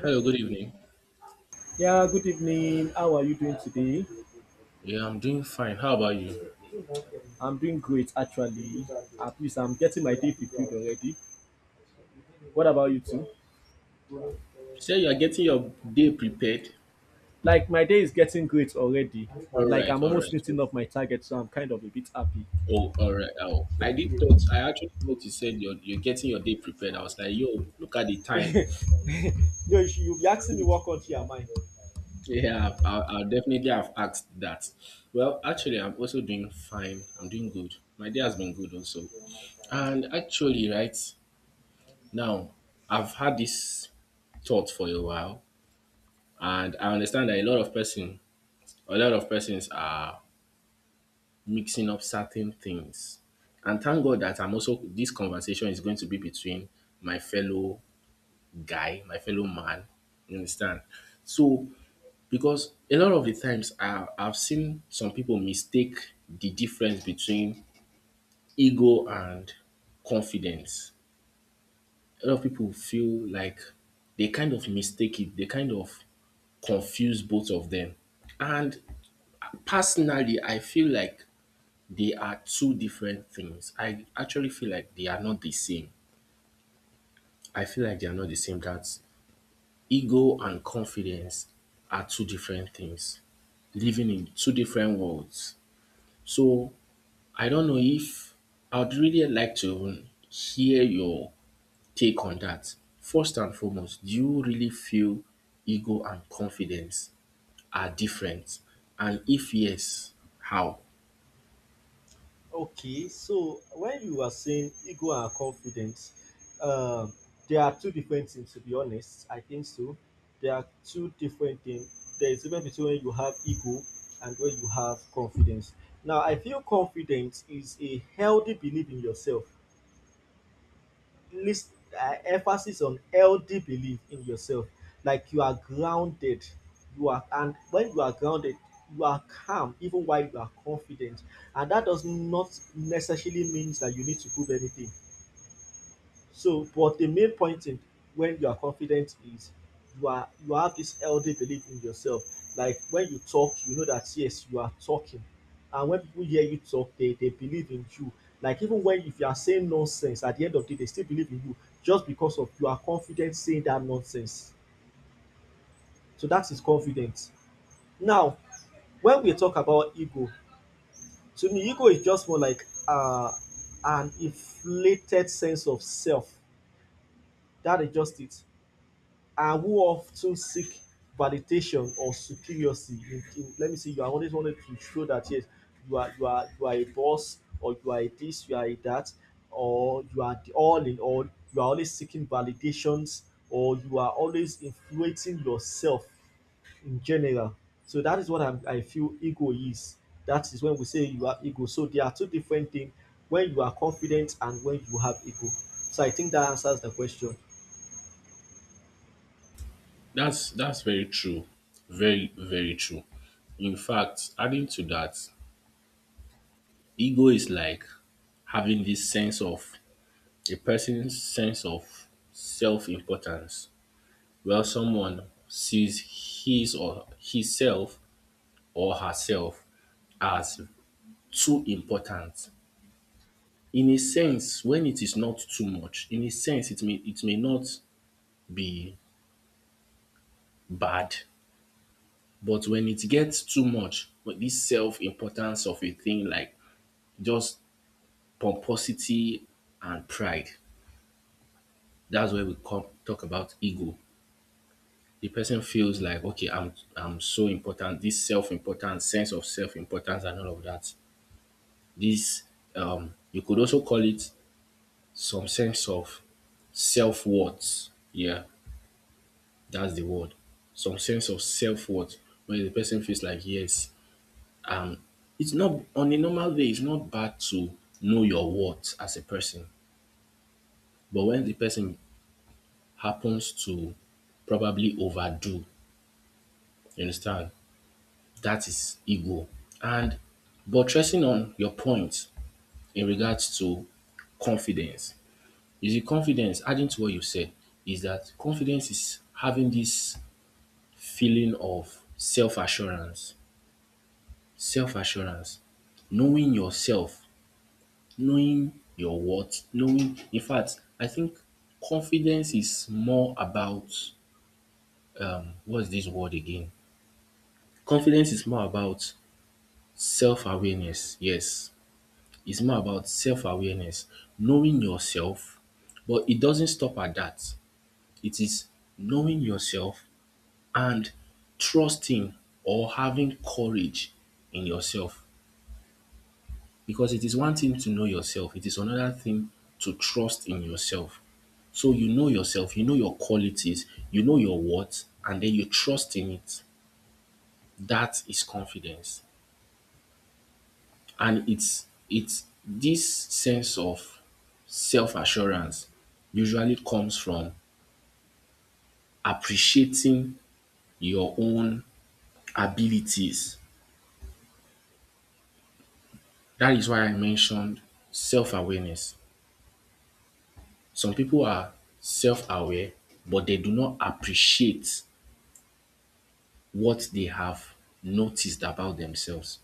Hello, good evening. Yeah, good evening. How are you doing today? Yeah, I'm doing fine. How about you? You I'm doing great actually. At least I'm getting my day fulfilled already. What about you too? said you are getting your day prepared. Like my day is getting great already. All Like right, I'm all right. almost Oh, meeting up my target, so I'm kind of a bit happy. oh, all right. Oh, I did thought. I actually thought you said you're getting your day prepared. I was like, yo, look at the time. No, you should, you'll be asking me what country am I? Yeah, I'll definitely have asked that. Well, actually, I'm also doing fine. I'm doing good. My day has been good also. And actually, right now, I've had this thought for a while, and I understand that a lot of persons are mixing up certain things. And thank God that I'm also this conversation is going to be between my fellow guy, my fellow man. You understand? So because a lot of the times I've seen some people mistake the difference between ego and confidence. A lot of people feel like they kind of confuse both of them. And personally, I feel like they are two different things. I actually feel like they are not the same. I feel like they are not the same. That ego and confidence are two different things, living in two different worlds. So I don't know if I would really like to hear your take on that. First and foremost, do you really feel ego and confidence are different? And if yes, how? Okay, so when you were saying ego and confidence, um, there are two different things to be honest. I think so. There are two different things. There is a difference between when you have ego and when you have confidence. Now, I feel confidence is a healthy belief in yourself list emphasis on healthy belief in yourself, like you are grounded, you are and when you are grounded you are calm even while you are confident, and that does not necessarily means that you need to prove anything. So, but the main point in when you are confident is you have this healthy belief in yourself. Like when you talk, you know that yes, you are talking. And when people hear you talk, they believe in you. Like even when if you are saying nonsense, at the end of the day, they still believe in you just because of you are confident saying that nonsense. So that is confidence. Now, when we talk about ego, to me, ego is just more like an inflated sense of self. That is just it, and who often seek validation or superiority in, let me see, you are always wanted to show that yes, you are a boss, or you are a this, you are a that, or you are the all in all. You are always seeking validations, or you are always influencing yourself in general. So that is what I feel ego is. That is when we say you have ego. So there are two different things: when you are confident and when you have ego. So I think that answers the question. That's very true. Very, very true. In fact, adding to that, ego is like having this sense of a person's sense of self-importance, where someone sees his or himself or herself as too important. In a sense, when it is not too much, in a sense it may not be bad, but when it gets too much, with this self-importance of a thing like just pomposity and pride. That's where we come talk about ego. The person feels like, okay, I'm so important. This self-importance, sense of self-importance, and all of that. This you could also call it some sense of self-worth. Yeah, that's the word. Some sense of self-worth, where the person feels like, yes, um, it's not on a normal day. It's not bad to know your worth as a person, but when the person happens to probably overdo. You understand? That is ego. And buttressing on your point in regards to confidence, you see, confidence, adding to what you said, is that confidence is having this feeling of self assurance, knowing yourself, knowing your worth, knowing. In fact, I think confidence is more about what's this word again? Confidence is more about self-awareness, yes. It's more about self-awareness, knowing yourself, but it doesn't stop at that. It is knowing yourself and trusting or having courage in yourself, because it is one thing to know yourself, it is another thing to trust in yourself. So you know yourself, you know your qualities, you know your worth, and then you trust in it. That is confidence. And it's this sense of self-assurance usually comes from appreciating your own abilities. That is why I mentioned self-awareness. Some people are self-aware, but they do not appreciate what they have noticed about themselves.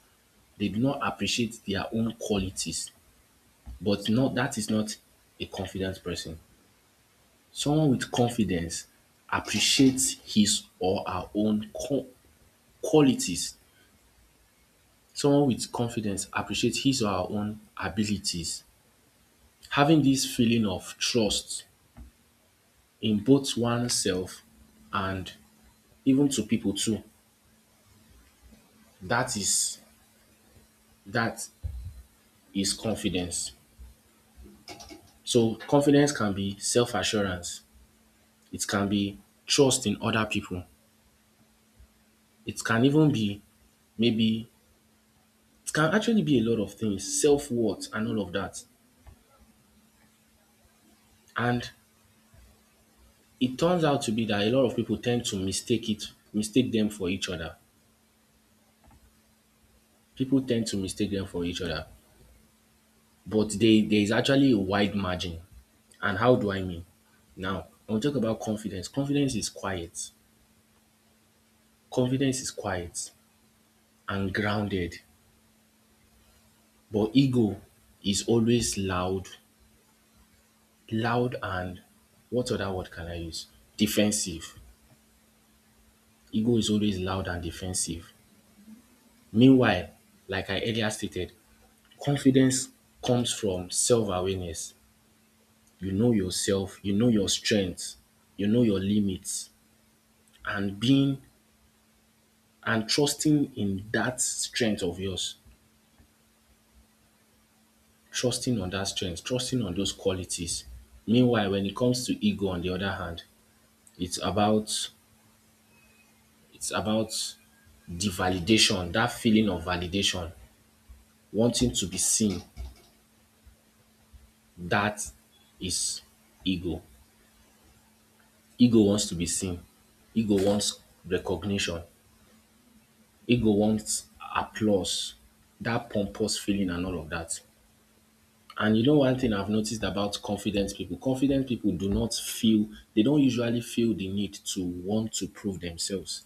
They do not appreciate their own qualities, but not that is not a confident person. Someone with confidence appreciates his or her own qua- qualities. Someone with confidence appreciates his or her own abilities. Having this feeling of trust in both oneself and even to people too, that is that is confidence. So confidence can be self-assurance. It can be trust in other people. It can even be maybe it can actually be a lot of things, self-worth and all of that. And it turns out to be that a lot of people tend to mistake it, mistake them for each other. People tend to mistake them for each other, but they there is actually a wide margin. And how do I mean? Now, when we talk about confidence, confidence is quiet. Confidence is quiet and grounded, but ego is always loud, loud and what other word can I use? Defensive. Ego is always loud and defensive. Meanwhile, like I earlier stated, confidence comes from self-awareness. You know yourself, you know your strengths, you know your limits and being and trusting in that strength of yours. Trusting on that strength, trusting on those qualities. Meanwhile, when it comes to ego on the other hand, it's about it's about the validation, that feeling of validation, wanting to be seen. That is ego. Ego wants to be seen. Ego wants recognition. Ego wants applause, that pompous feeling and all of that. And you know one thing I've noticed about confident people do not feel, they don't usually feel the need to want to prove themselves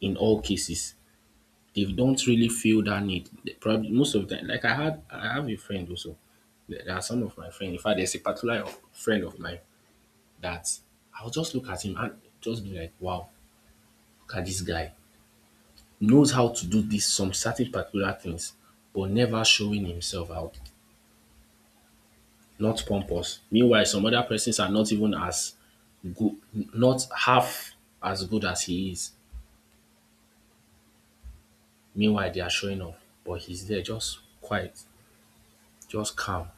in all cases. They don't really feel that need. They probably most of them, like I have a friend also. There are some of my friends. In fact, there's a particular friend of mine that I'll just look at him and just be like, wow, look at this guy. Knows how to do this some certain particular things but never showing himself out, not pompous. Meanwhile, some other persons are not even as good, not half as good as he is. Meanwhile, they are showing off, but he's there just quiet, just calm.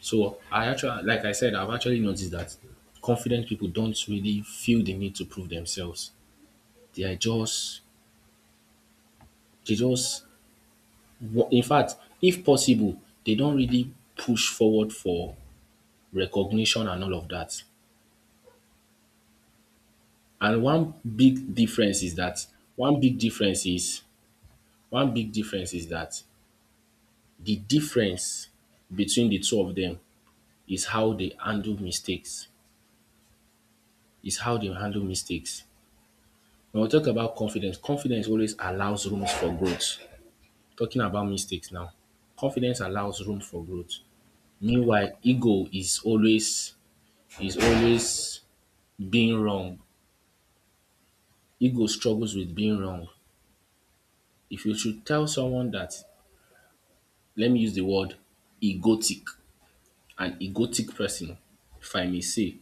So I actually, like I said, I've actually noticed that confident people don't really feel the need to prove themselves. They are just, they just, in fact, if possible, they don't really push forward for recognition and all of that. And one big difference is that one big difference is one big difference is that the difference between the two of them is how they handle mistakes. Is how they handle mistakes. When we talk about confidence, confidence always allows rooms for growth. Talking about mistakes now. Confidence allows room for growth. Meanwhile, ego is always being wrong. Ego struggles with being wrong. If you should tell someone that let me use the word egotic, an egotic person, if I may say.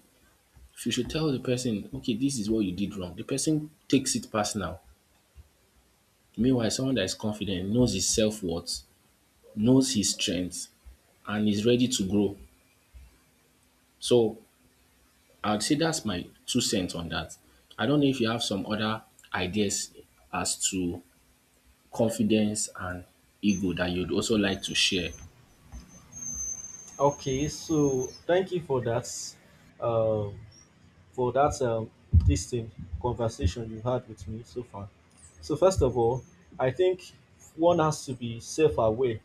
If you should tell the person, okay, this is what you did wrong, the person takes it personal. Meanwhile, someone that is confident knows his self worth, knows his strengths, and is ready to grow. So I'd say that's my 2 cents on that. I don't know if you have some other ideas as to confidence and ego that you'd also like to share. Okay, so thank you um, for that this thing, conversation you had with me so far. So first of all, I think one has to be self-aware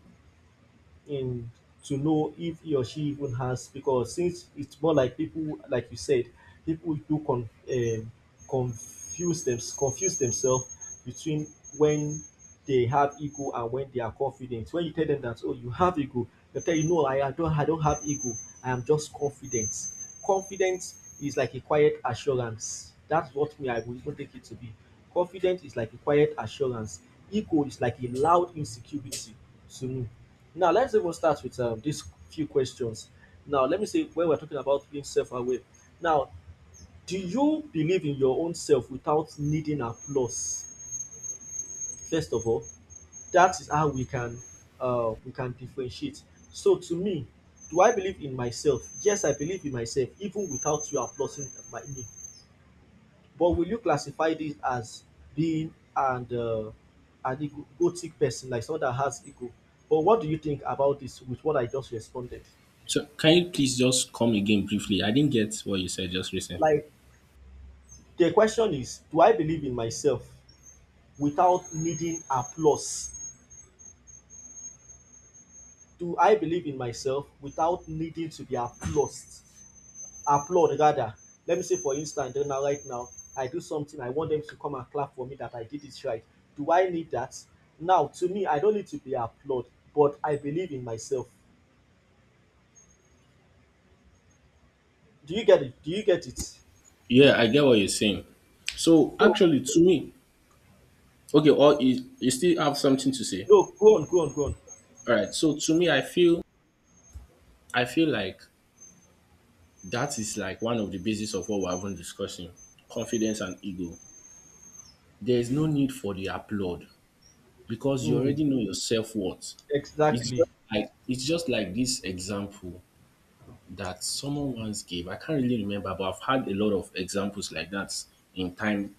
in to know if he or she even has, because since it's more like people, like you said, people do confuse them, confuse themselves between when they have ego and when they are confident. When you tell them that oh, you have ego, they tell you no, I don't, I don't have ego, I am just confident. Confidence is like a quiet assurance, that's what me I will even take it to be. Confidence is like a quiet assurance, ego is like a loud insecurity, to me. Now let's even start with these few questions. Now let me say when we're talking about being self-aware. Now, do you believe in your own self without needing applause? First of all, that is how we can differentiate. So to me, do I believe in myself? Yes, I believe in myself even without you applauding my me. But will you classify this as being and an egotic person, like someone that has ego? But what do you think about this with what I just responded? So can you please just come again briefly? I didn't get what you said just recently. like The question is, do I believe in myself without needing applause? Do I believe in myself without needing to be applauded? Applaud rather. Let me say for instance now, right now I do something, I want them to come and clap for me that I did it right. Do I need that? Now to me, I don't need to be applauded but I believe in myself. Do you get it? Do you get it? Yeah, I get what you're saying. So So actually, to me, okay, or you still have something to say. no, go on. All right. So to me, I feel like that is like one of the basis of what we're even discussing: confidence and ego. There is no need for the applaud because you Mm, already know your self worth. Exactly. It's just like this example that someone once gave. I can't really remember, but I've had a lot of examples like that in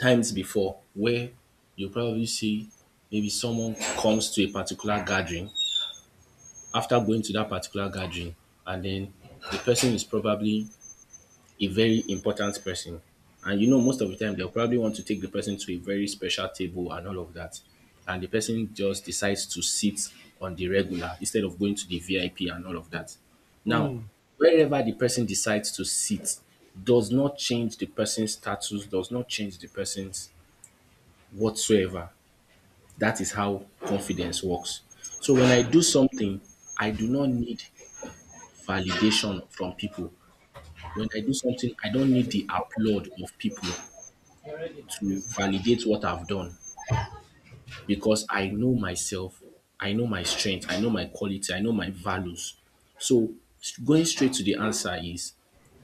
times before where you probably see maybe someone comes to a particular gathering after going to that particular gathering and then the person is probably a very important person, and you know most of the time they'll probably want to take the person to a very special table and all of that, and the person just decides to sit on the regular instead of going to the VIP and all of that. Now Mm. wherever the person decides to sit does not change the person's status, does not change the person's whatsoever. That is how confidence works. So when I do something, I do not need validation from people. When I do something, I don't need the applaud of people to validate what I've done, because I know myself, I know my strength, I know my quality, I know my values. So going straight to the answer is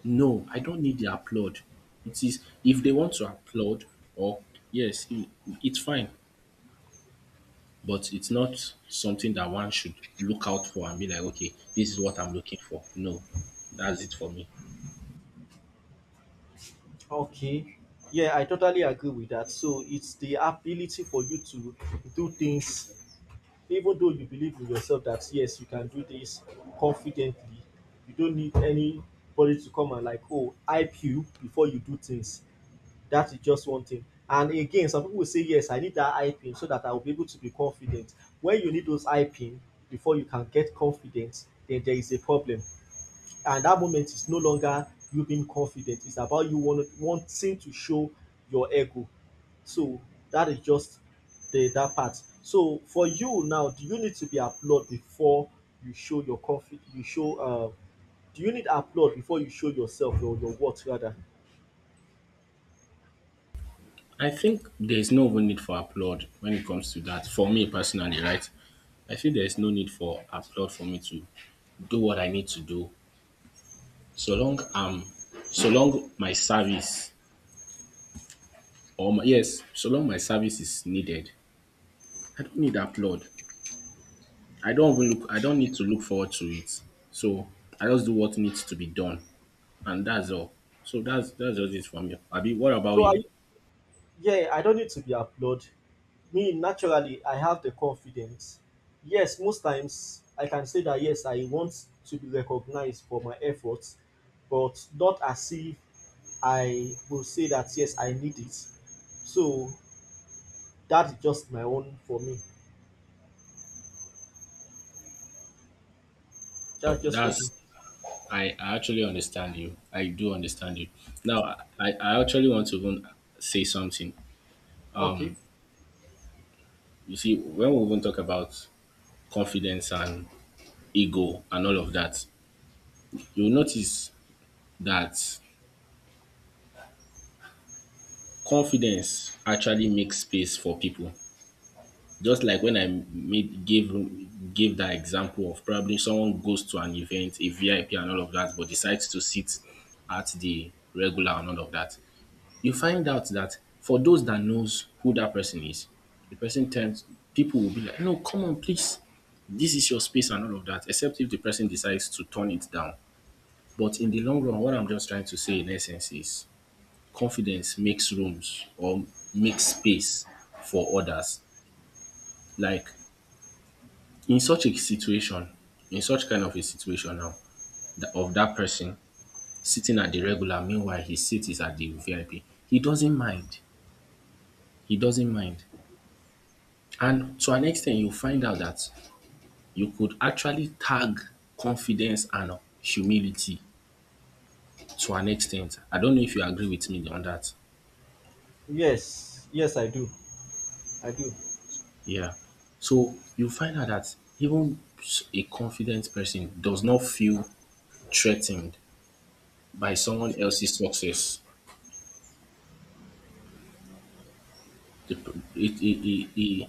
no, I don't need the applaud. It is if they want to applaud or yes, it's fine. But it's not something that one should look out for and be like, okay, this is what I'm looking for. No, that's it for me. Okay. Yeah, I totally agree with that. So it's the ability for you to do things, even though you believe in yourself that yes, you can do this confidently. You don't need anybody to come and like, oh, hype you before you do things. That is just one thing. And again, some people will say, yes, I need that hyping so that I will be able to be confident. When you need those hyping before you can get confident, then there is a problem. And that moment is no longer you being confident, it's about wanting to show your ego. So that is just the that part. So for you now, do you need to be applauded before you show your confidence, you show do you need applaud before you show yourself, or your worth rather? I think there's no even need for applaud when it comes to that. For me personally, right? I feel there's no need for applaud for me to do what I need to do. So long um so long my service yes, so long my service is needed, I don't need applaud. I don't need to look forward to it. So I just do what needs to be done, and that's all. So that's just it from you. Abi, what about So you? I yeah, I don't need to be applauded. Me, naturally I have the confidence. Yes, most times I can say that yes, I want to be recognized for my efforts, but not as if I will say that yes, I need it. So that's just my own for me. That's just for me. That's I actually understand you. I do understand you. Now I actually want to even say something. Okay. You see, when we even talk about confidence and ego and all of that, you'll notice that confidence actually makes space for people. Just like when I made gave gave that example of probably someone goes to an event, a VIP and all of that, but decides to sit at the regular and all of that. You find out that for those that knows who that person is, the person tends people will be like, no, come on, please. This is your space and all of that, except if the person decides to turn it down. But in the long run, what I'm just trying to say in essence is confidence makes rooms or makes space for others. Like In such a situation, in such kind of a situation now, of that person sitting at the regular, meanwhile his seat is at the VIP, he doesn't mind. He doesn't mind. And to an extent, you find out that you could actually tag confidence and humility to an extent. I don't know if you agree with me on that. Yes, yes, I do. I do. Yeah. So you find out that even a confident person does not feel threatened by someone else's success. The, p- it,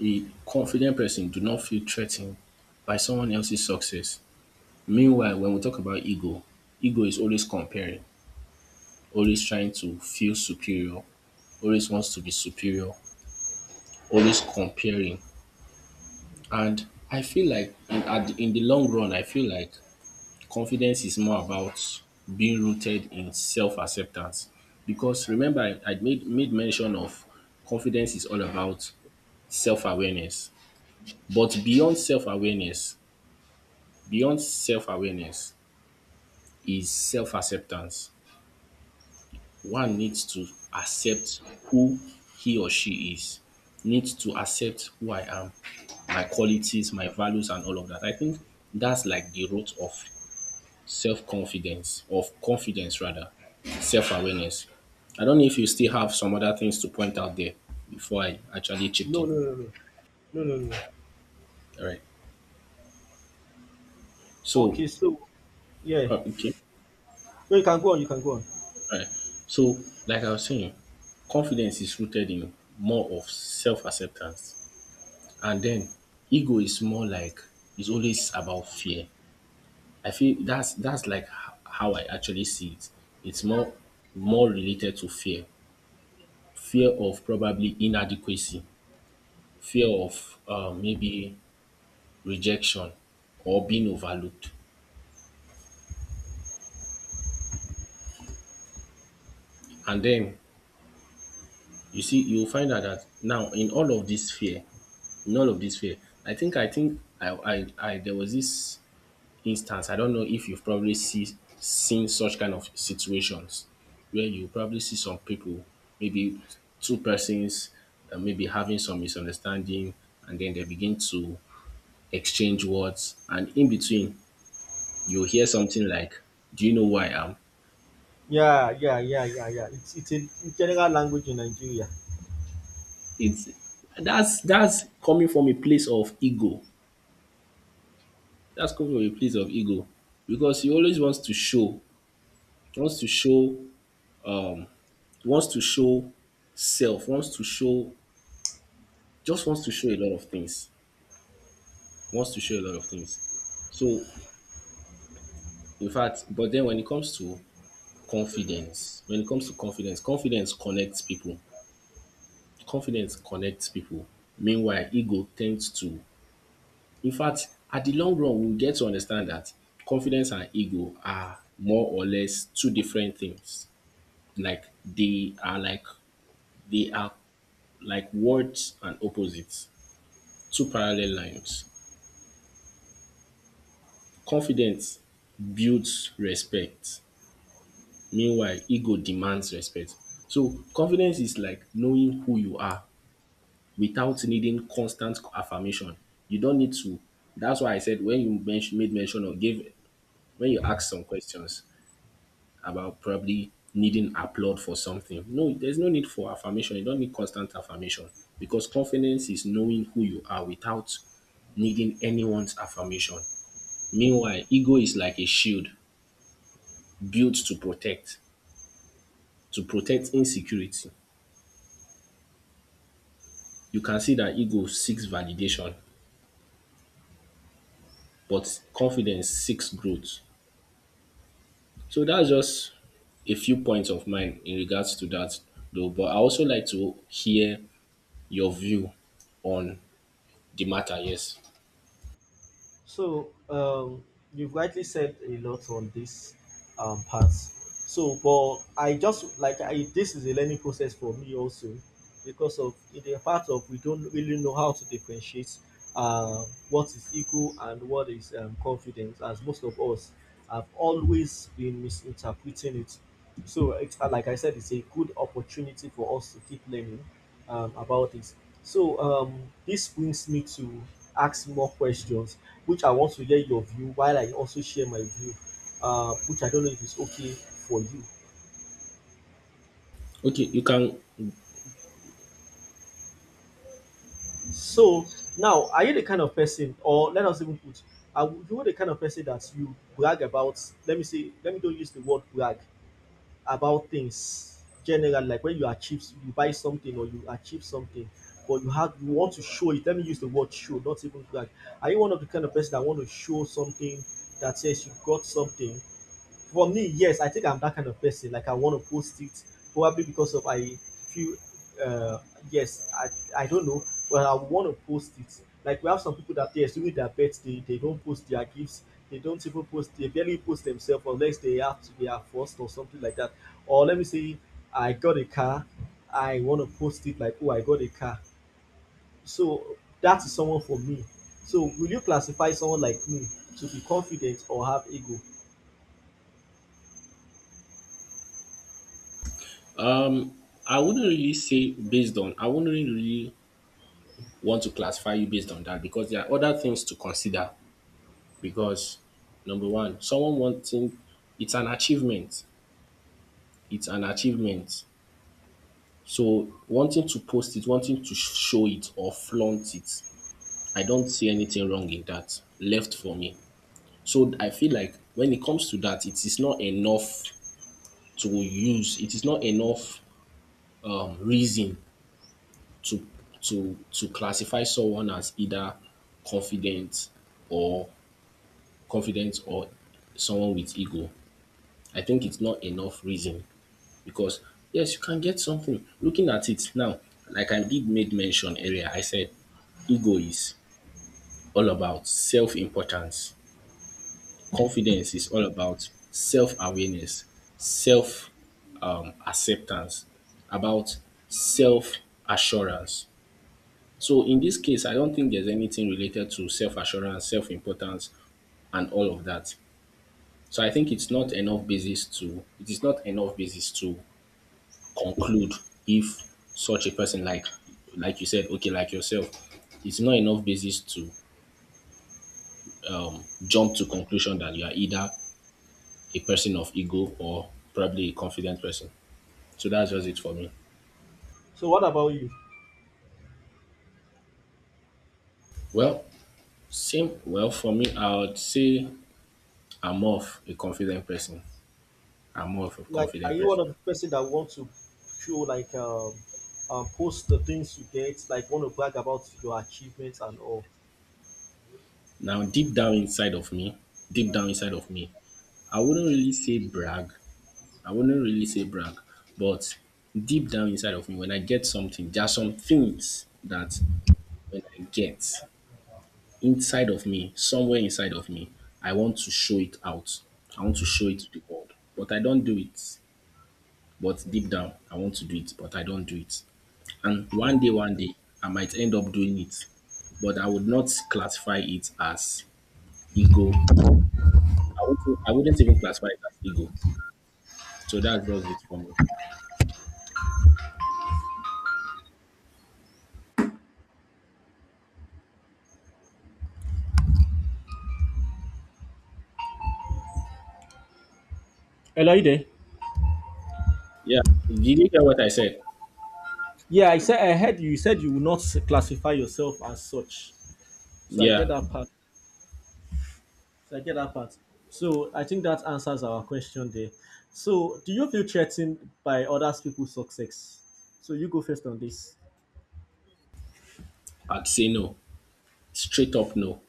A confident person do not feel threatened by someone else's success. Meanwhile, when we talk about ego, ego is always comparing, always trying to feel superior, always wants to be superior, always comparing. And I feel like in the long run, I feel like confidence is more about being rooted in self acceptance. Because remember, I made mention of confidence is all about self awareness. But beyond self awareness, Beyond self-awareness is self-acceptance. One needs to accept who he or she is, needs to accept who I am, my qualities, my values, and all of that. I think that's like the root of confidence rather, self-awareness. I don't know if you still have some other things to point out there before I actually chipped No, in. no, no, no, no, no, no. All right. So, Okay, so yeah, okay. no, You can go on. Right. So, like I was saying, confidence is rooted in more of self acceptance. And then ego is more like it's always about fear. I feel that's like how I actually see it. It's more more related to fear. Fear of probably inadequacy, fear of maybe rejection or being overlooked. And then you see you'll find out that now in all of this fear, none of this fear. I think I think I I, I there was this instance. I don't know if you've probably seen such kind of situations where you probably see some people, maybe two persons, maybe having some misunderstanding, and then they begin to exchange words, and in between you hear something like, "Do you know who I am?" Yeah, yeah, yeah, yeah, yeah. It's a general language in Nigeria. It's That's coming from a place of ego. That's coming from a place of ego because he always wants to show wants to show self, wants to show, just wants to show a lot of things, wants to show a lot of things. So, in fact, but then when it comes to confidence, confidence connects people. Confidence connects people. Meanwhile, ego tends to, in fact, at the long run, we'll get to understand that confidence and ego are more or less two different things. Like they are like, they are like words and opposites, two parallel lines. Confidence builds respect meanwhile ego demands respect. So confidence is like knowing who you are without needing constant affirmation. You don't need to that's why I said when you mention or gave when you ask some questions about probably needing applaud for something. No, there's no need for affirmation. You don't need constant affirmation because confidence is knowing who you are without needing anyone's affirmation. Meanwhile, ego is like a shield built to protect insecurity. You can see that ego seeks validation, but confidence seeks growth. So that's just a few points of mine in regards to that, though. But I also like to hear your view on the matter. Yes. So you've rightly said a lot on this part. So, but I just like I, this is a learning process for me also, because of in the part of we don't really know how to differentiate what is ego and what is confidence, as most of us have always been misinterpreting it. So, it's, like I said, it's a good opportunity for us to keep learning about this. So, this brings me to ask more questions which I want to hear your view while I also share my view, which I don't know if it's okay for you. Okay. You can. So now, are you the kind of person, or let us even put, are you the kind of person that you brag about? Let me say, let me don't use the word brag about things generally, like when you achieve, you buy something or you achieve something, but you have you want to show it. Let me use the word show, not even brag. Are you one of the kind of person that want to show something that says you got something? For me, yes, I think I'm that kind of person. Like I want to post it, probably because of I feel uh yes, I don't know, but I want to post it. Like we have some people that yes, during their birthday, they don't post their gifts, they don't even post, they barely post themselves unless they have to, they are forced or something like that. Or let me say I got a car, I want to post it like oh, I got a car. So that is someone for me. So will you classify someone like me to be confident or have ego? Um, I wouldn't really say based on. I wouldn't really want to classify you based on that because there are other things to consider. Because number one, someone wanting it's an achievement it's an achievement. So wanting to post it, wanting to show it or flaunt it, I don't see anything wrong in that. Left for me. So I feel like when it comes to that, it is not enough to use. It is not enough reason to to classify someone as either confident or confident or someone with ego. I think it's not enough reason because yes, you can get something. Looking at it now, like I did made mention earlier, I said ego is all about self importance, confidence is all about self awareness, self acceptance, about self assurance. So, in this case, I don't think there's anything related to self assurance, self importance, and all of that. So I think it is not enough basis to conclude if such a person like you said okay like yourself it's not enough basis to jump to conclusion that you are either a person of ego or probably a confident person. So that's just it for me. So what about you? Well, same well for me I would say i'm more of a confident person I'm more of a Like are confident you person. one of the person that wants to show like post the things you get, like want to brag about your achievements and all? Now deep down inside of me i wouldn't really say brag I wouldn't really say brag, but deep down inside of me, when I get something, there are some things that when I get inside of me, somewhere inside of me, I want to show it out. I want to show it to the world, but I don't do it. But deep down, I want to do it, but I don't do it. And Mm. one day, I might end up doing it, but I would not classify it as ego. I wouldn't even classify it as ego. So that's just it for me. Hello, are you there? Yeah. Did you hear what I said? Yeah, I said I heard you said you will not classify yourself as such, so I get Yeah. that part. So I get that part. So I think that answers our question there. So do you feel threatened by other people's success? So you go first on this. I'd say no, straight up no.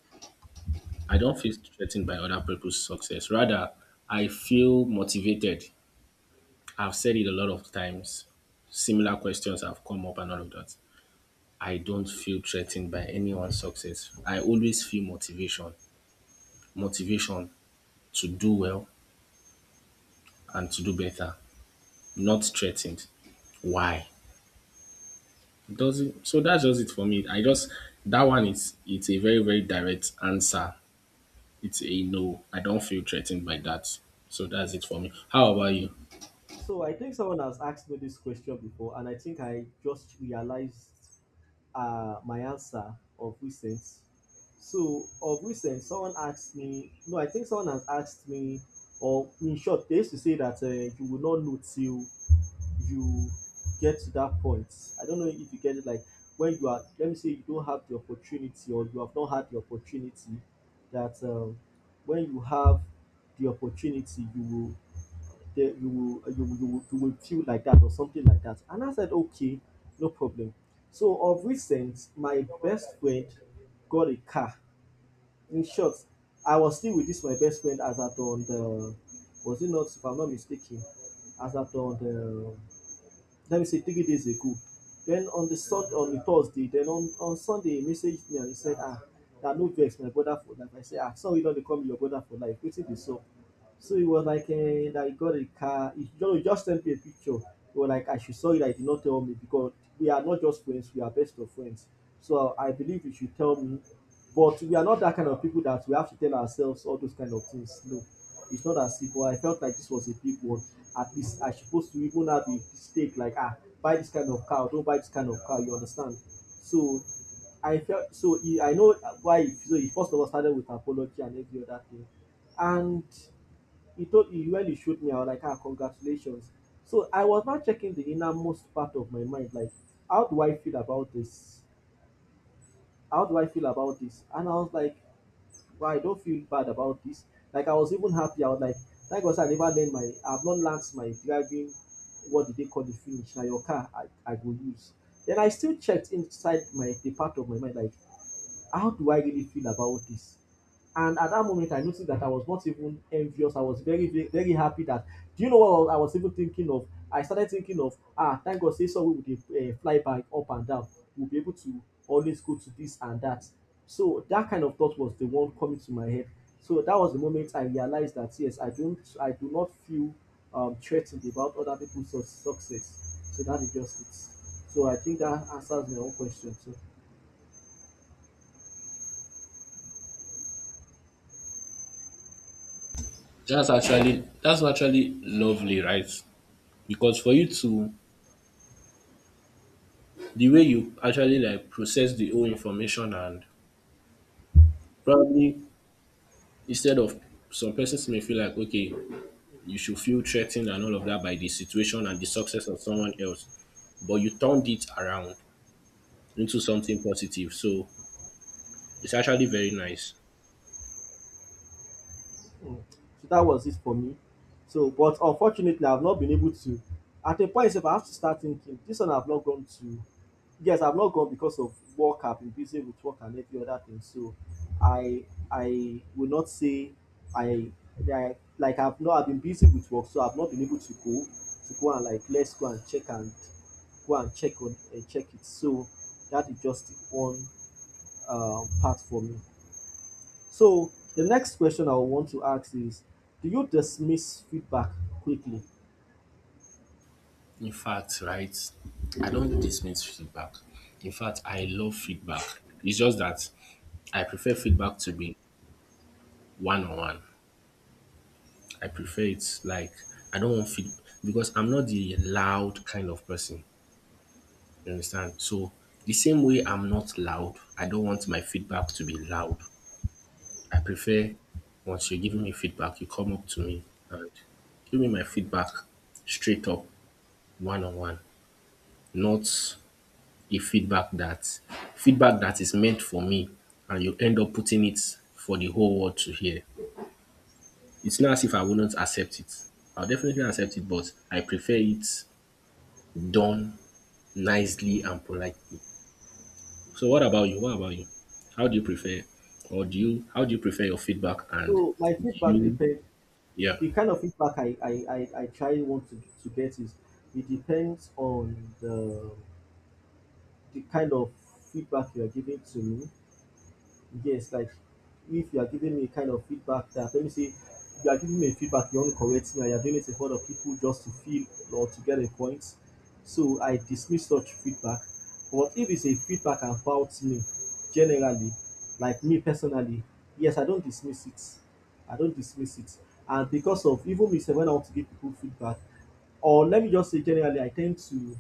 I don't feel threatened by other people's success. Rather, I feel motivated. I've said it a lot of times. Similar questions have come up and all of that. I don't feel threatened by anyone's success. I always feel motivation, motivation to do well and to do better, not threatened. Why? Doesn't so that's just it for me. I just that one is it's a very, very direct answer it's a no. I don't feel threatened by that. So that's it for me. How about you? So I think someone has asked me this question before and I think I just realized my answer of recent. So of recent, someone asked me. No, I think someone has asked me. Or in short, they used to say that you will not know till you get to that point. I don't know if you get it. Like when you are, let me say, you don't have the opportunity, or you have not had the opportunity. That when you have the opportunity, you will there you will you will feel like that or something like that, and I said okay, no problem. So of recent my best friend got a car. In short, I was still with this my best friend as at on the, was it not, if I'm not mistaken, as at on the, let me say, 3 days ago. Then on the sun on the Thursday, then on Sunday he messaged me and he said ah, na no vex my brother for life. I say ah sorry don dey call me your brother for life, wetin dey sup. So it was like that he got a car. He just sent me a picture. He was like, I should saw it. I did not tell me because we are not just friends, we are best of friends. So I believe you should tell me. But we are not that kind of people that we have to tell ourselves all those kind of things. No, it's not as simple. I felt like this was a big one. At least I supposed to even have a mistake like buy this kind of car. Don't buy this kind of car. You understand? So I felt so. I know why. So he first of all started with apology and every other thing, and He told he when he showed me, I was like, congratulations. So I was now checking the innermost part of my mind, like, how do I feel about this? How do I feel about this? And I was like, well, I don't feel bad about this. Like I was even happy. I was like, thank God sir, I've not learned my driving what did they call the finish now your car I will use. Then I still checked inside my the part of my mind like how do I really feel about this? And at that moment, I noticed that I was not even envious. I was very, very, very happy that. Do you know what I was even thinking of? I started thinking of, thank God, say so we would fly back up and down. We'll be able to always go to this and that. So that kind of thought was the one coming to my head. So that was the moment I realized that yes, I do not feel threatened about other people's success. So that is just it. So I think that answers my own question too. That's actually lovely, right? Because for you to the way you actually like process the whole information and probably instead of some persons may feel like okay, you should feel threatened and all of that by the situation and the success of someone else. But you turned it around into something positive. So it's actually very nice. Mm. So that was it for me. So, but unfortunately, I've not been able to. At a point, if I have to start thinking, this one I've not gone to. Yes, I've not gone because of work. I've been busy with work and every other thing. So, I I will not say I, I like I've not. I've been busy with work, so I've not been able to go and like let's go and check and go and check on check it. So that is just one part for me. So the next question I want to ask is, do you dismiss feedback quickly? In fact, right, I don't dismiss feedback. In fact, I love feedback. It's just that I prefer feedback to be one on one. I prefer it like I don't want feed because I'm not the loud kind of person. You understand? So the same way I'm not loud, I don't want my feedback to be loud. I prefer once you are giving me feedback, you come up to me and give me my feedback straight up, one on one, not a feedback that is meant for me and you end up putting it for the whole world to hear. It's not as if I wouldn't accept it. I'll definitely accept it, but I prefer it done nicely and politely. So what about you? What about you? How do you prefer or do you how do you prefer your feedback and So my do feedback you depends. yeah. The kind of feedback I try want to get is it depends on the kind of feedback you are giving to me, yes, like if you are giving me a kind of feedback that let me say if you are giving me a feedback you want to correct me and you're doing it in front of people just to feel or to get a point, so I dismiss such feedback. But if it's a feedback about me generally, like me personally, yes, I don't dismiss it. I don't dismiss it. And because of even me sef when I want to give people feedback, or let me just say generally, I tend to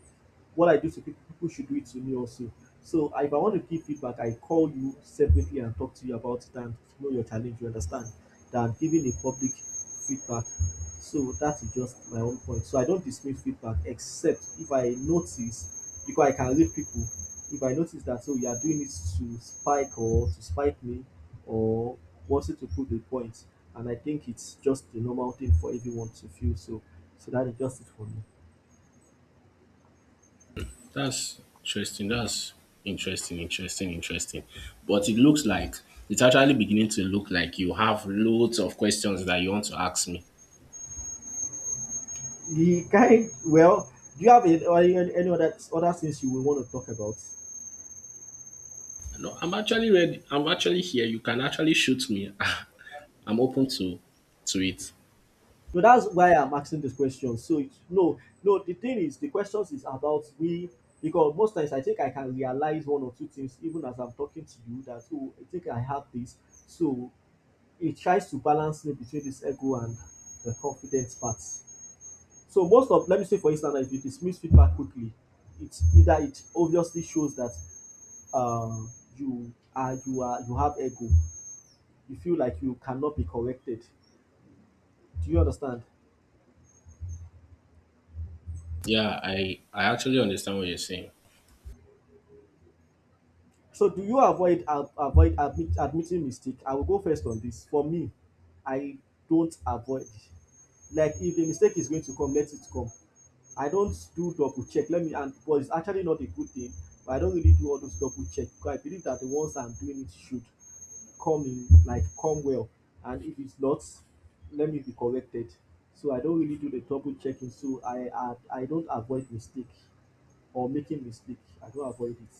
what I do to people people should do it to me also. So if I want to give feedback, I call you separately and talk to you about it and know your challenge, you understand, than giving a public feedback. So that is just my own point. So I don't dismiss feedback except if I notice, because I can read people, if I notice that so you are doing it to spike me, or wanting to prove a point. And I think it's just the normal thing for everyone to feel so. So that is just it for me. That's interesting. That's interesting. But it looks like it's actually beginning to look like you have loads of questions that you want to ask me. The kind well, do you have any, or any other things you will want to talk about? No, I'm actually ready. I'm actually here. You can actually shoot me. I'm open to it. No, that's why I'm asking this question. No, no. The thing is, the questions is about we because most times I think I can realize one or two things even as I'm talking to you that oh I think I have this. So it tries to balance me between this ego and the confidence part. So most of let me say for instance, if you dismiss feedback quickly, it's either it obviously shows that um you have ego, you feel like you cannot be corrected, do you understand? Yeah, I actually understand what you're saying. So do you avoid admitting mistake? I will go first on this for me. I don't avoid. Like if a mistake is going to come, let it come. I don't do double check. Let me and but it's actually not a good thing. But I don't really do all those double check because I believe that the ones I'm doing it should coming like come well. And if it's not, let me be corrected. So I don't really do the double checking, so I don't avoid mistake or making mistake. I don't avoid it.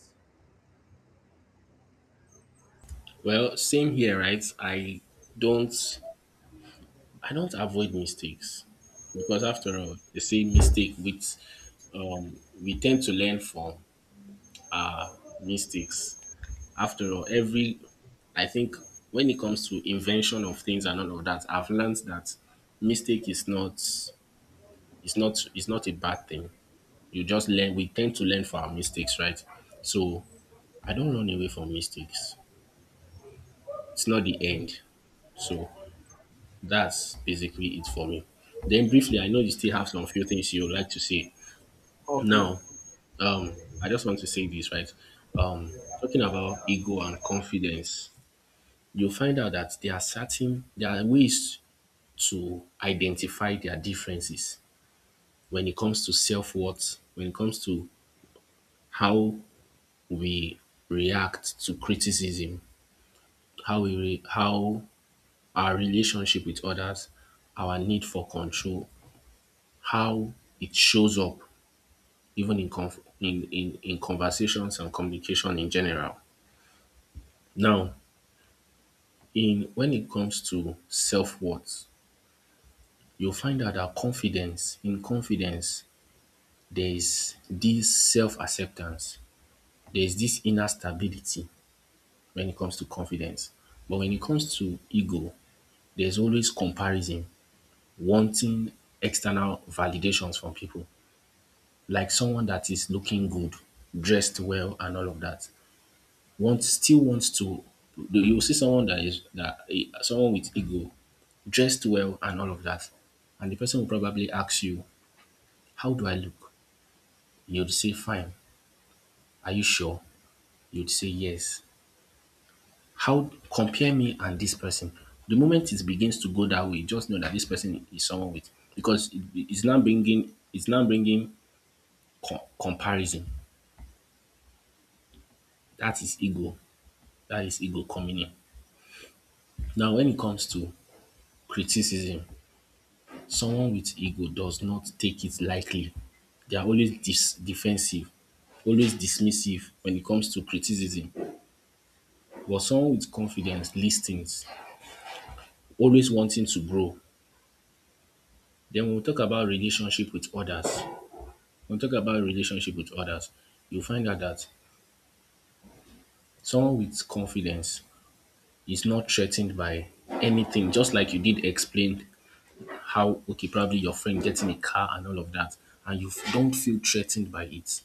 Well, same here, right? Don't I don't avoid mistakes because after all, they say mistake with we tend to learn from mistakes. After all, every I think when it comes to invention of things and all of that, I've learned that mistake is not is not is not a bad thing. You just learn. We tend to learn from our mistakes, right? So I don't run away from mistakes. It's not the end. So that's basically it for me. Then briefly, I know you still have some few things you would like to say. Okay. Now, I just want to say this, right? Um, Talking about ego and confidence, you'll find out that there are ways to identify their differences when it comes to self-worth, when it comes to how we react to criticism, how our relationship with others, our need for control, how it shows up even in conversations and communication in general. Now, in when it comes to self-worth, you'll find out that in confidence, there is this self-acceptance, there is this inner stability when it comes to confidence. But when it comes to ego, there's always comparison, wanting external validations from people. Like someone that is looking good, dressed well, and all of that, wants still wants to. You will see someone that someone with ego, dressed well, and all of that, and the person will probably ask you, "How do I look?" You'd say, "Fine." Are you sure? You'd say, "Yes." How compare me and this person? The moment it begins to go that way, just know that this person is someone with, because it's now bringing comparison. That is ego. That is ego coming in. Now, when it comes to criticism, someone with ego does not take it lightly. They are always defensive, always dismissive when it comes to criticism. But someone with confidence listens, always wanting to grow. Then when we talk about relationship with others, when we talk about relationship with others, you find out that someone with confidence is not threatened by anything, just like you did explain how, okay, probably your friend getting a car and all of that, and you don't feel threatened by it.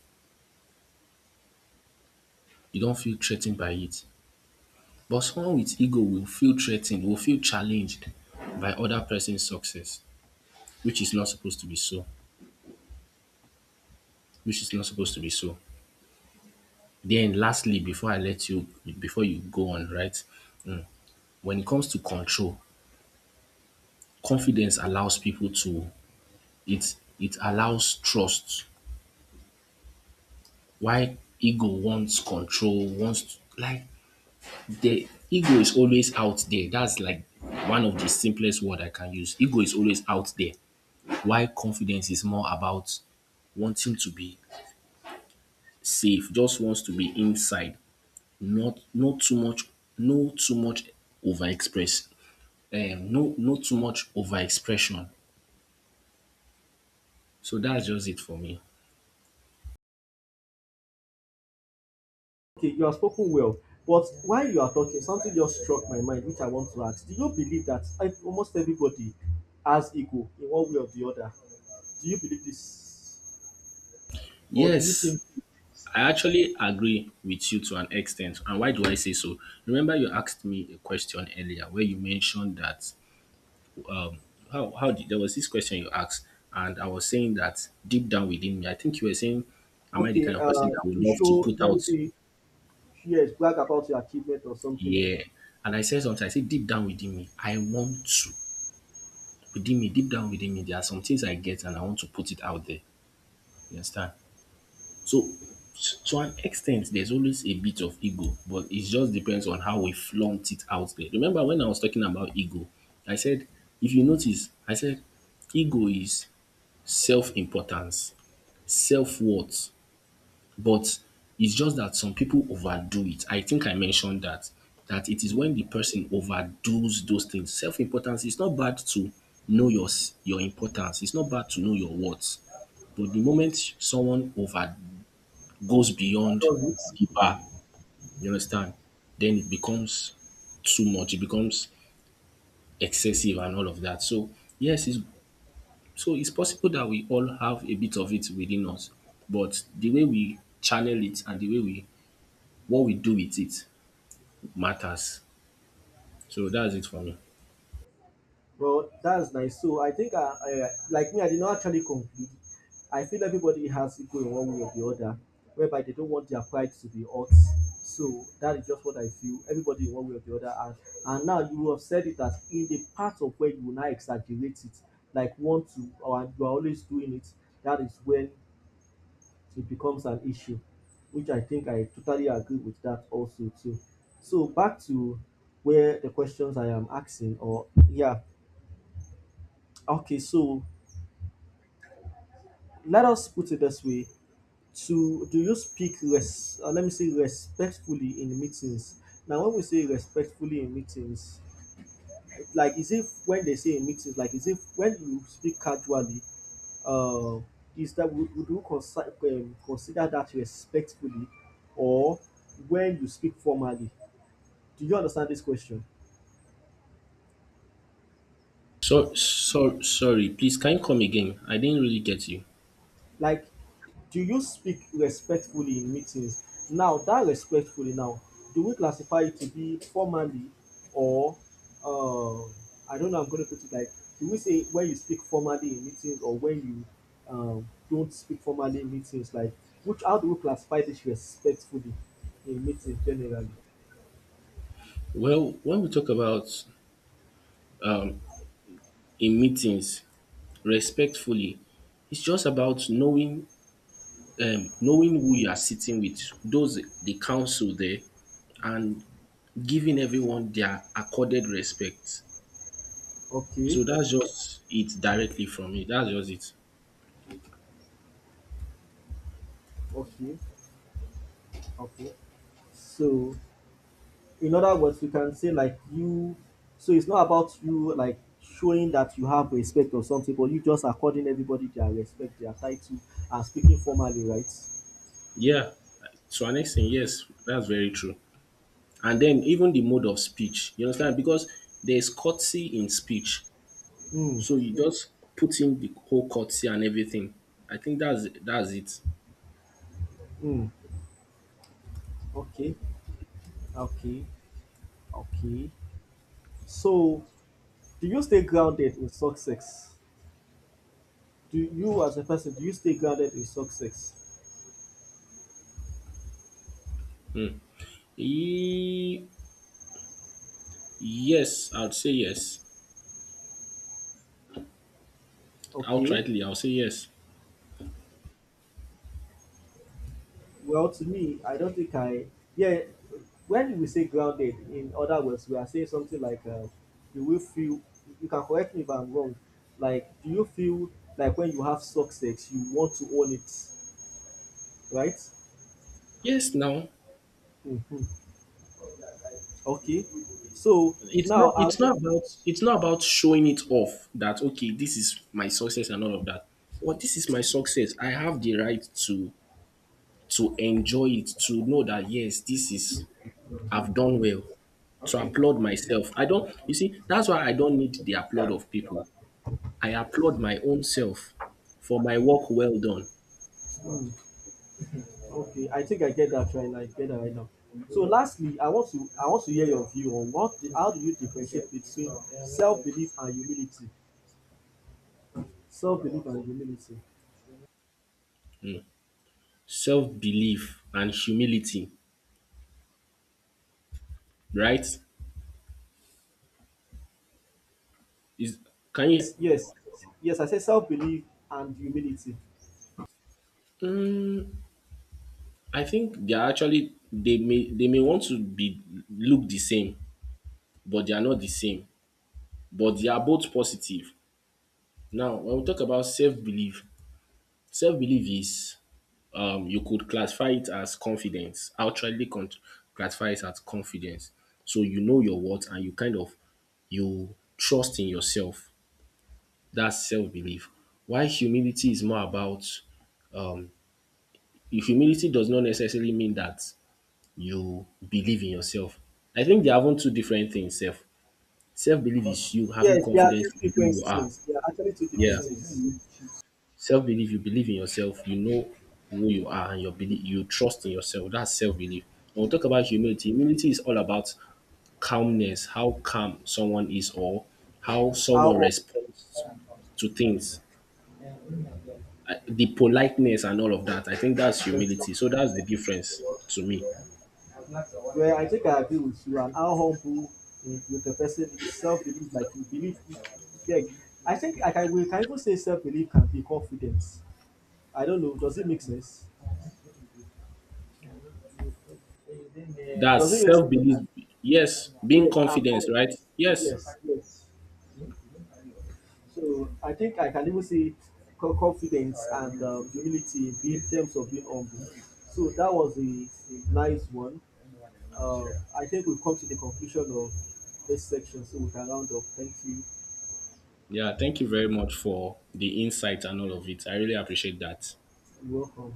You don't feel threatened by it. But someone with ego will feel threatened, will feel challenged by other person's success, which is not supposed to be so, which is not supposed to be so then lastly, before you go on, right, when it comes to control, confidence allows people to, it allows trust, why ego wants control, wants to, like, the ego is always out there. That's like one of the simplest word I can use. Ego is always out there. Why confidence is more about wanting to be safe, just wants to be inside, not too much, no too much overexpress, no not too much overexpression. So that's just it for me. Okay, you have spoken well, but while you are talking something just struck my mind which I want to ask. Do you believe that almost everybody has ego in one way or the other? Do you believe this, or do you Yes, think? I actually agree with you to an extent. And why do I say so? Remember, you asked me a question earlier where you mentioned that um how did there was this question you asked, and I was saying that deep down within me, I think you were saying, am I the Okay, kind of person that would to love to show put let me out, say, yes, brag about your achievement or something? yeah? And I said something. I said deep down within me, I want to, within me, deep down within me, there are some things I get and I want to put it out there. You understand? So, to an extent, there's always a bit of ego, but it just depends on how we flaunt it out there. Remember when I was talking about ego, I said, if you notice, I said ego is self-importance, self-worth, but it's just that some people overdo it. I think I mentioned that, that it is Hmm. when the person overdoes those things. Self-importance, it's not bad to know your your importance. It's not bad to know your worth. But the moment someone over, goes I beyond love it. the bar, you understand, then it becomes too much. It becomes excessive and all of that. So yes, it's, so it's possible that we all have a bit of it within us, but the way we channel it and the way we, what we do with it matters. So that's it for me. Well, that's nice. So I think I like me, I did not actually conclude. I feel everybody has ego in one way or the other, whereby they don't want their pride to be hurt. So that is just what I feel. Everybody in one way or the other, and now you have said it that in the part of where you now exaggerate it, like want to, or you are always doing it. That is when it becomes an issue, which I think I totally agree with that also too. So back to where the questions I am asking, or yeah, okay, so let us put it this way: to do you speak res? Let me say respectfully in meetings. Now, when we say respectfully in meetings, like is if when they say in meetings, like is if when you speak casually, uh, is that would you consider that respectfully, or when you speak formally? Do you understand this question? So, sorry, please can you come again? I didn't really get you. Like do you speak respectfully in meetings? Now that respectfully now, do we classify it to be formally or uh, I don't know, I'm gonna put it like do we say when you speak formally in meetings or when you don't speak formally in meetings, like which how do we classify this respectfully in meetings generally? Well, when we talk about, um, in meetings, respectfully, it's just about knowing, knowing who you are sitting with, those the council there, and giving everyone their accorded respect. Okay, So that's just it directly from me. That's just it. okay, okay. So in other words you can say like you so it's not about you like showing that you have respect or something, but you just according everybody their respect, their title, and speaking formally, right? Yeah. So our next thing, yes, that's very true. And then even the mode of speech, you understand? Because there's courtesy in speech. Mm. So you just put in the whole courtesy and everything. I think that's it. Mm. Okay. Okay. Okay. So do you stay grounded in success? Do you as a person do you stay grounded in success? E- yes, I'd say yes. Okay. Outrightly, I'll say yes. Well, to me, I don't think I. Yeah, when we say grounded, in other words, we are saying something like, "Do you feel?" You can correct me if I'm wrong. Like, do you feel like when you have success, you want to own it, right? Yes, now Mm-hmm. Okay. So it's now not I. it's not about, it's not about showing it off that okay, this is my success and all of that. But this is my success. I have the right to, enjoy it, to know that yes, this is, I've done well. To applaud myself. I don't, you see, that's why I don't need the applaud of people. I applaud my own self for my work well done, Mm, okay, I think I get that right. Now, I get that right now. So lastly, I want to hear your view on what the, how do you differentiate between self belief and humility? Self belief and humility. self belief, and humility, right? Is, can you? Yes, yes. Yes. I said self belief and humility. I think they are actually, they may want to be look the same, but they are not the same. But they are both positive. Now, when we talk about self belief, self belief is, you could classify it as confidence, actually classify it as confidence. So you know your worth and you kind of, you trust in yourself. That's self belief. Why humility is more about, um if humility does not necessarily mean that you believe in yourself. I think they are having two different things. Self belief is you having Yes, they are confidence two in who different you are. things. They are actually two Yeah. different things. Self-belief, you believe in yourself, you know who you are and your belief, you trust in yourself. That's self-belief. When we talk about humility, humility is all about calmness, how calm someone is, or how How, someone responds to things. The politeness and all of that. I think that's for humility. So that's the difference to me. where I think I agree with you, and how humble with the person is self belief, like you believe. Yeah, I think we can even say self belief can be confidence. I don't know. Does it make sense? Does That's it make self-belief. sense? Yes, being Yes, and confident, right? confidence. Yes. Yes, yes. So I think I can even see confidence and humility in in terms of being humble. So that was a nice one. Uh, I think we've come to the conclusion of this section, so we can round up. Thank you. Yeah, thank you very much for the insight and all of it. I really appreciate that. You're welcome.